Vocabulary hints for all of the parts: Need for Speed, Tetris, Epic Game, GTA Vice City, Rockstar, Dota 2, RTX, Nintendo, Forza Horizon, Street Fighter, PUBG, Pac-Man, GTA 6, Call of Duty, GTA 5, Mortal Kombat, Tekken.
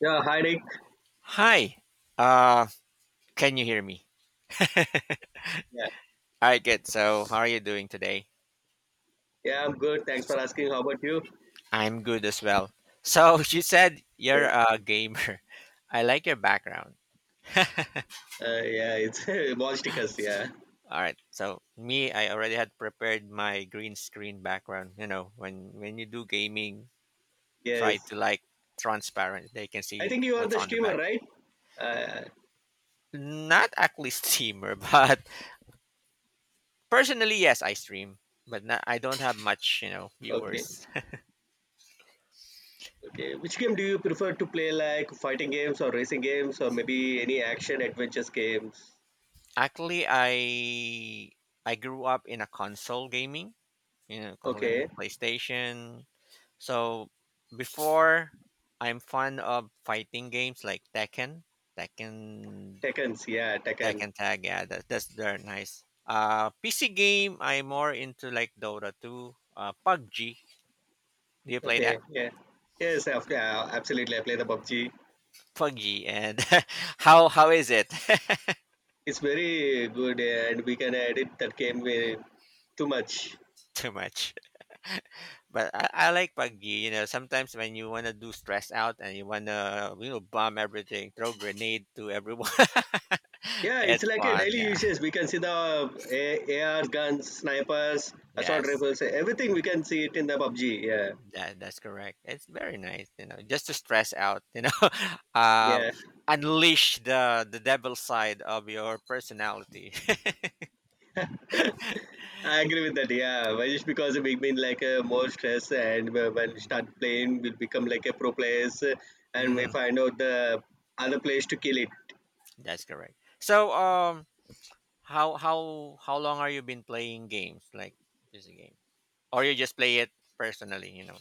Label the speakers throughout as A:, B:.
A: Yeah, hi Nick.
B: Hi. Uh, can you hear me?
A: Yeah.
B: All right, good. So, how are you doing today?
A: Yeah, I'm good. Thanks for asking. How about you?
B: I'm good as well. So, you said you're
A: Okay.
B: a gamer. I like your background.
A: Yeah, it's ball stickers. Yeah.
B: All right. So, me, I already had prepared my green screen background. You know, when you do gaming, try
A: Yes.
B: to like transparent. They can
A: I
B: see
A: think you are
B: what's
A: the
B: on the
A: streamer,
B: back.
A: right? Uh,
B: Not actually streamer, but personally, yes, I stream, but not, I don't have much,
A: okay.
B: viewers.
A: Okay. Which game do you prefer to play, like fighting games or racing games or maybe any action adventures games?
B: Actually, I grew up in a console gaming, console gaming,
A: Okay.
B: PlayStation. So before, I'm fond of fighting games like Tekken, Tekken,
A: Tekkens. Yeah, Tekken.
B: Tekken Tag. Yeah, that's they're nice. PC game, I'm more into like Dota 2, PUBG. Do you play
A: Okay.
B: that?
A: Yeah. Yes. Yeah, absolutely. I play the PUBG.
B: PUBG, and how is it?
A: It's very good, and we can edit that game way too much.
B: Too much. But I like Paggy, sometimes when you want to do stress out and you want to, bomb everything, throw grenade to everyone.
A: Yeah, it's
B: It's
A: like a
B: fun,
A: daily
B: yeah.
A: uses. We can see the AR guns, snipers, assault
B: Yes,
A: rifles, everything. We can see it in the PUBG. Yeah,
B: that's correct. It's very nice, just to stress out, uh,
A: yeah,
B: unleash the devil side of your personality.
A: I agree with that. Yeah, but just because we been like more stress, and when we start playing, we'll become like a pro players, and we
B: Hmm.
A: find out the other players to kill it.
B: That's correct. So, how long are you been playing games like this game, or you just play it personally?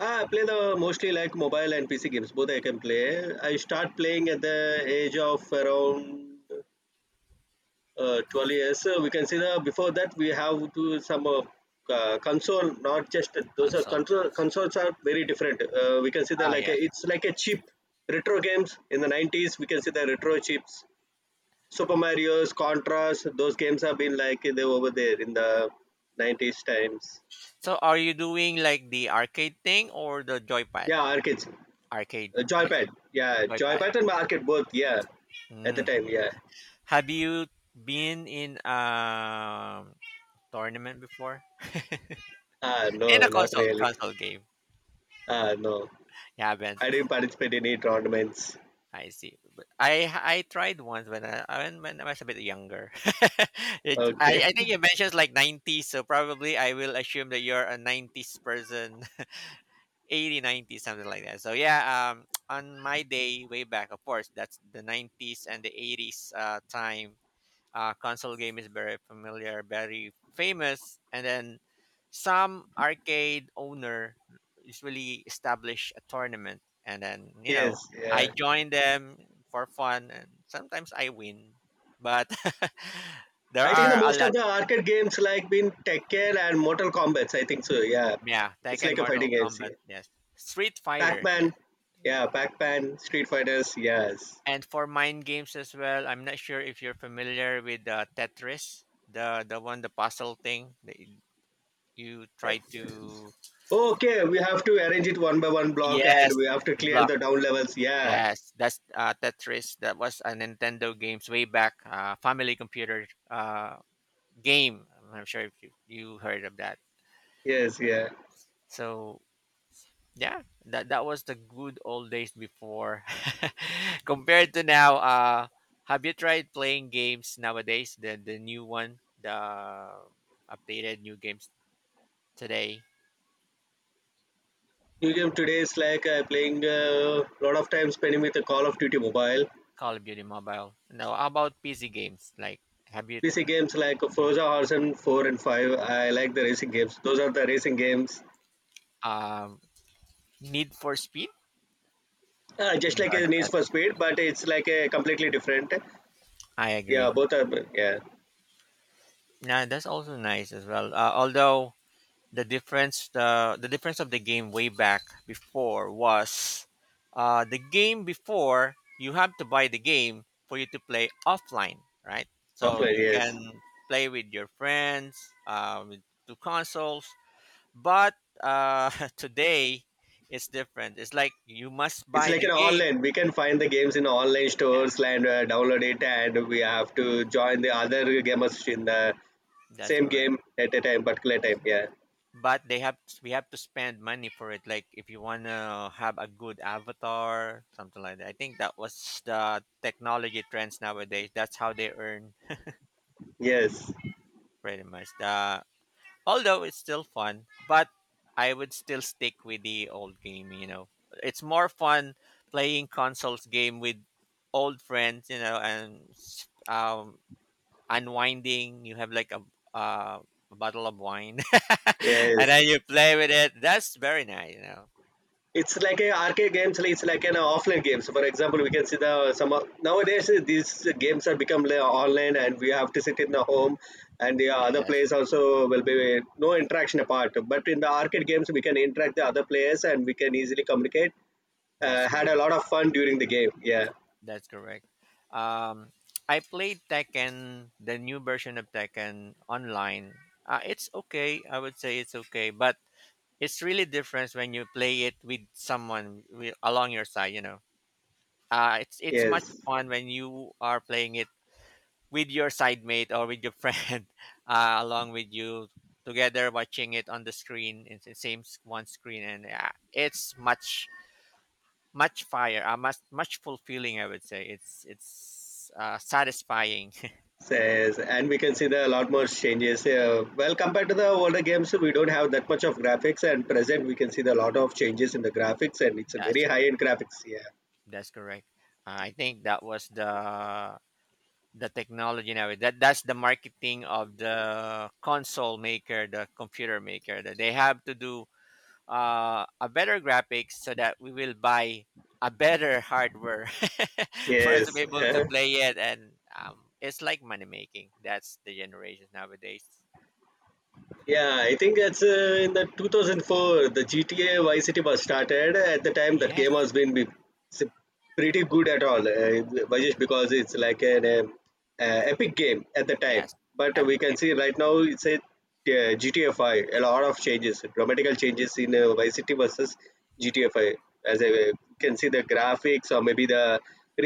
A: I play the mostly like mobile and PC games. Both I can play. I start playing at the age of around 12 years we can see that before that we have to some console. Not just those, are
B: console
A: console,
B: games?
A: consoles are very different. We can see that
B: Ah,
A: like a,
B: yes.
A: it's like a chip, retro games in the 90s. We can see the retro chips, super mario's, contras, those games have been like they were over there in the 90s times.
B: So are you doing like the arcade thing or the joypad?
A: Yeah, arcades,
B: Arcade,
A: joypad. Yeah,
B: joypad.
A: joypad and arcade both, yeah, at the
B: Mm.
A: time. Yeah.
B: Have you been in a tournament before?
A: Ah,
B: In a
A: no, not
B: console
A: really.
B: console game.
A: Ah, no,
B: You haven't.
A: I didn't participate in any tournaments.
B: I see. But I tried once when when I was a bit younger.
A: Okay.
B: I think you mentioned like 90s, so probably I will assume that you're a 90s person. 80, 90, something like that. So yeah, on my day, way back, of course, that's the 90s and the 80s, time. Console game is very familiar, very famous, and then some arcade owner usually establish a tournament, and then,
A: Yes,
B: I
A: yeah.
B: join them for fun, and sometimes I win. But there
A: I think the
B: are a
A: most
B: lot.
A: of the arcade games like been Tekken and Mortal Kombat. I think so. Yeah,
B: Yeah,
A: it's
B: Tekken,
A: like a
B: Mortal
A: fighting games.
B: Kombat,
A: Yeah.
B: yes. Street Fighter,
A: Pac-Man.
B: yes. Yeah.
A: Yeah, Pac-Man, Street Fighters. Yes.
B: And for mind games as well, I'm not sure if you're familiar with Tetris, the one, the puzzle thing that you try
A: Correct, yes.
B: to.
A: Okay, we have to arrange it one by one block, and
B: Yes,
A: we have to
B: the
A: clear
B: block.
A: the down levels. Yeah.
B: Yes, that's Tetris. That was a Nintendo games way back, family computer game. I'm not sure if you heard of that.
A: Yes. Yeah.
B: So yeah, that was the good old days before, compared to now. Have you tried playing games nowadays, the new one, the updated new games today?
A: New game today is like playing a lot of time spending with the Call of Duty mobile.
B: Call of Duty mobile? No, how about PC games, like have you,
A: PC games like Forza Horizon 4 and 5. I like the racing games. Those are the racing games.
B: um Need for Speed?
A: Just
B: You
A: like
B: heard
A: a
B: of
A: Need
B: that?
A: for Speed, but it's like a completely different.
B: I
A: Yeah,
B: agree.
A: both are, yeah,
B: Yeah, that's also nice as well. Although the difference, the difference of the game way back before was, the game before, you have to buy the game for you to play offline, right? So
A: offline.
B: you can
A: Yes,
B: play with your friends with two consoles. But, uh, today it's different. It's like you must
A: it's
B: buy
A: like
B: the
A: an
B: game.
A: online. We can find the games in online
B: Yeah,
A: stores and download it, and we have to join the other gamers in the
B: that's
A: same
B: correct.
A: game at a time, particular time. Yeah.
B: But they have, we have to spend money for it. Like if you want to have a good avatar, something like that. I think that was the technology trends nowadays. That's how they earn
A: Yes.
B: pretty much the, although it's still fun, but I would still stick with the old game. It's more fun playing consoles game with old friends, and unwinding. You have like uh, a bottle of wine and
A: Yes.
B: then you play with it. That's very nice.
A: It's like a arcade games, like it's like an offline games. For example, we can see the nowadays these games are become like online, and we have to sit in the home, and the other
B: Yes,
A: players also will be no interaction apart. But in the arcade games, we can interact the other players and we can easily communicate.
B: that's
A: Had a
B: correct.
A: lot of fun during the game. Yeah,
B: That's correct. Um, I played Tekken, the new version of Tekken online. It's okay. I would say it's okay, but it's really different when you play it with someone along your side. It's much
A: yes,
B: fun when you are playing it with your side mate or with your friend along with you, together watching it on the screen in the same one screen, and it's much. Much fire, much fulfilling. I would say it's satisfying.
A: says, and we can see the a lot more changes, well compared to the older games, we don't have that much of graphics and present. We can see the lot of changes in the graphics, and it's a
B: That's
A: very high
B: correct.
A: end graphics. Yeah.
B: That's correct. I think that was the technology now. That's the marketing of the console maker, the computer maker. That they have to do a better graphics so that we will buy a better hardware for us
A: Yes.
B: to be able to
A: Uh,
B: play it. And it's like money making. That's the generation nowadays.
A: yeah, I think that's in the 2004 the GTA Vice City was started. At the time, that game
B: Yes.
A: has been s- pretty good at all, Vajesh, because it's like an epic game at the time.
B: Yes.
A: But we
B: Epic Game.
A: can see right now it's a GTA 5. A lot of changes, dramatical changes in Vice City versus GTA 5. As I, you can see the graphics or maybe the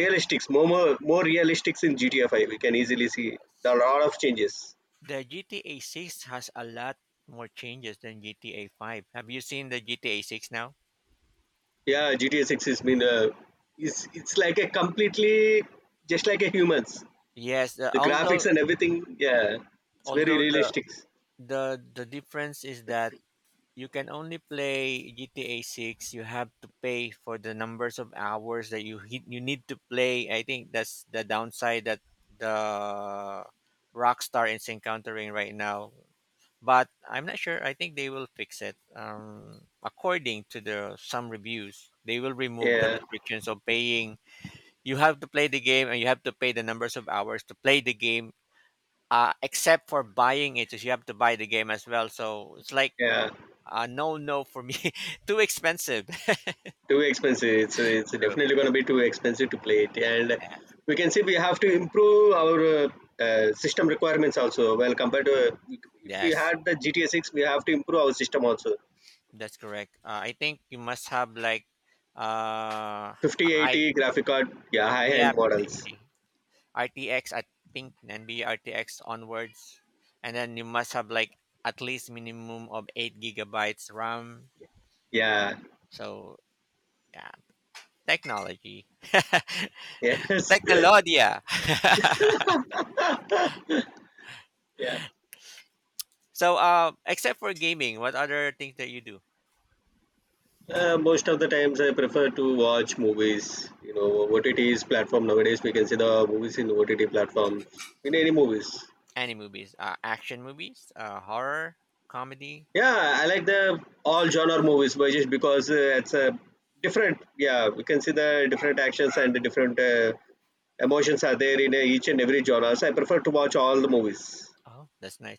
B: I think.
A: realistics, more realistics in GTA 5. We can easily see there
B: Yes.
A: a lot of changes.
B: The GTA 6 has a lot more changes than GTA 5. Have you seen the GTA 6 now?
A: Yeah, GTA 6 is been. It's like a completely just like a humans.
B: Yes,
A: The graphics
B: although
A: and everything, yeah, it's very
B: although the
A: realistic.
B: the the difference is that you can only play GTA 6, you have to pay for the numbers of hours that you hit, you need to play. I think that's the downside that the Rockstar is encountering right now. But I'm not sure. I think they will fix it. According to the some reviews, they will remove the
A: Yeah,
B: restrictions of paying. You have to play the game, and you have to pay the numbers of hours to play the game. Except for buying it, you have to buy the game as well. So it's like
A: yeah,
B: no, no for me. Too expensive.
A: too expensive. It's
B: So
A: definitely gonna be too expensive to play it, and
B: yeah,
A: we can see we have to improve our system requirements also. Well, compared to if we
B: yes,
A: had the GTA 6, we have to improve our system also.
B: that's correct. I think you must have like uh, a high
A: 5080 graphic card, yeah, high
B: yeah,
A: end
B: 50,
A: models.
B: 80. RTX, I think be RTX onwards, and then you must have like at least minimum of 8 gigabytes RAM.
A: Yeah,
B: So yeah, technology,
A: yes,
B: technologia.
A: yeah.
B: So except for gaming, what other things that you do?
A: Most of the times I prefer to watch movies. You know, OTT's platform nowadays we can see the movies in OTT platforms in any movies.
B: Any movies? Action movies? Horror, comedy.
A: Yeah, I like the all genre movies, but just because it's a different. Yeah, we can see the different actions and the different emotions are there in each and every genre. So I prefer to watch all the movies.
B: Oh, that's nice.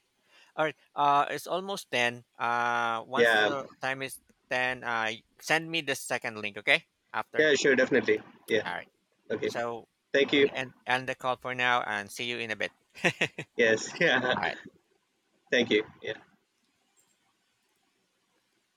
B: All right. It's almost 10. Once
A: Yeah,
B: the time is 10, send me the second link, okay? After.
A: yeah, sure, definitely. Yeah,
B: All right.
A: okay.
B: So
A: Thank
B: we'll
A: you.
B: end the call for now and see you in a bit. All
A: Yes, yeah.
B: right.
A: Thank you. Yeah.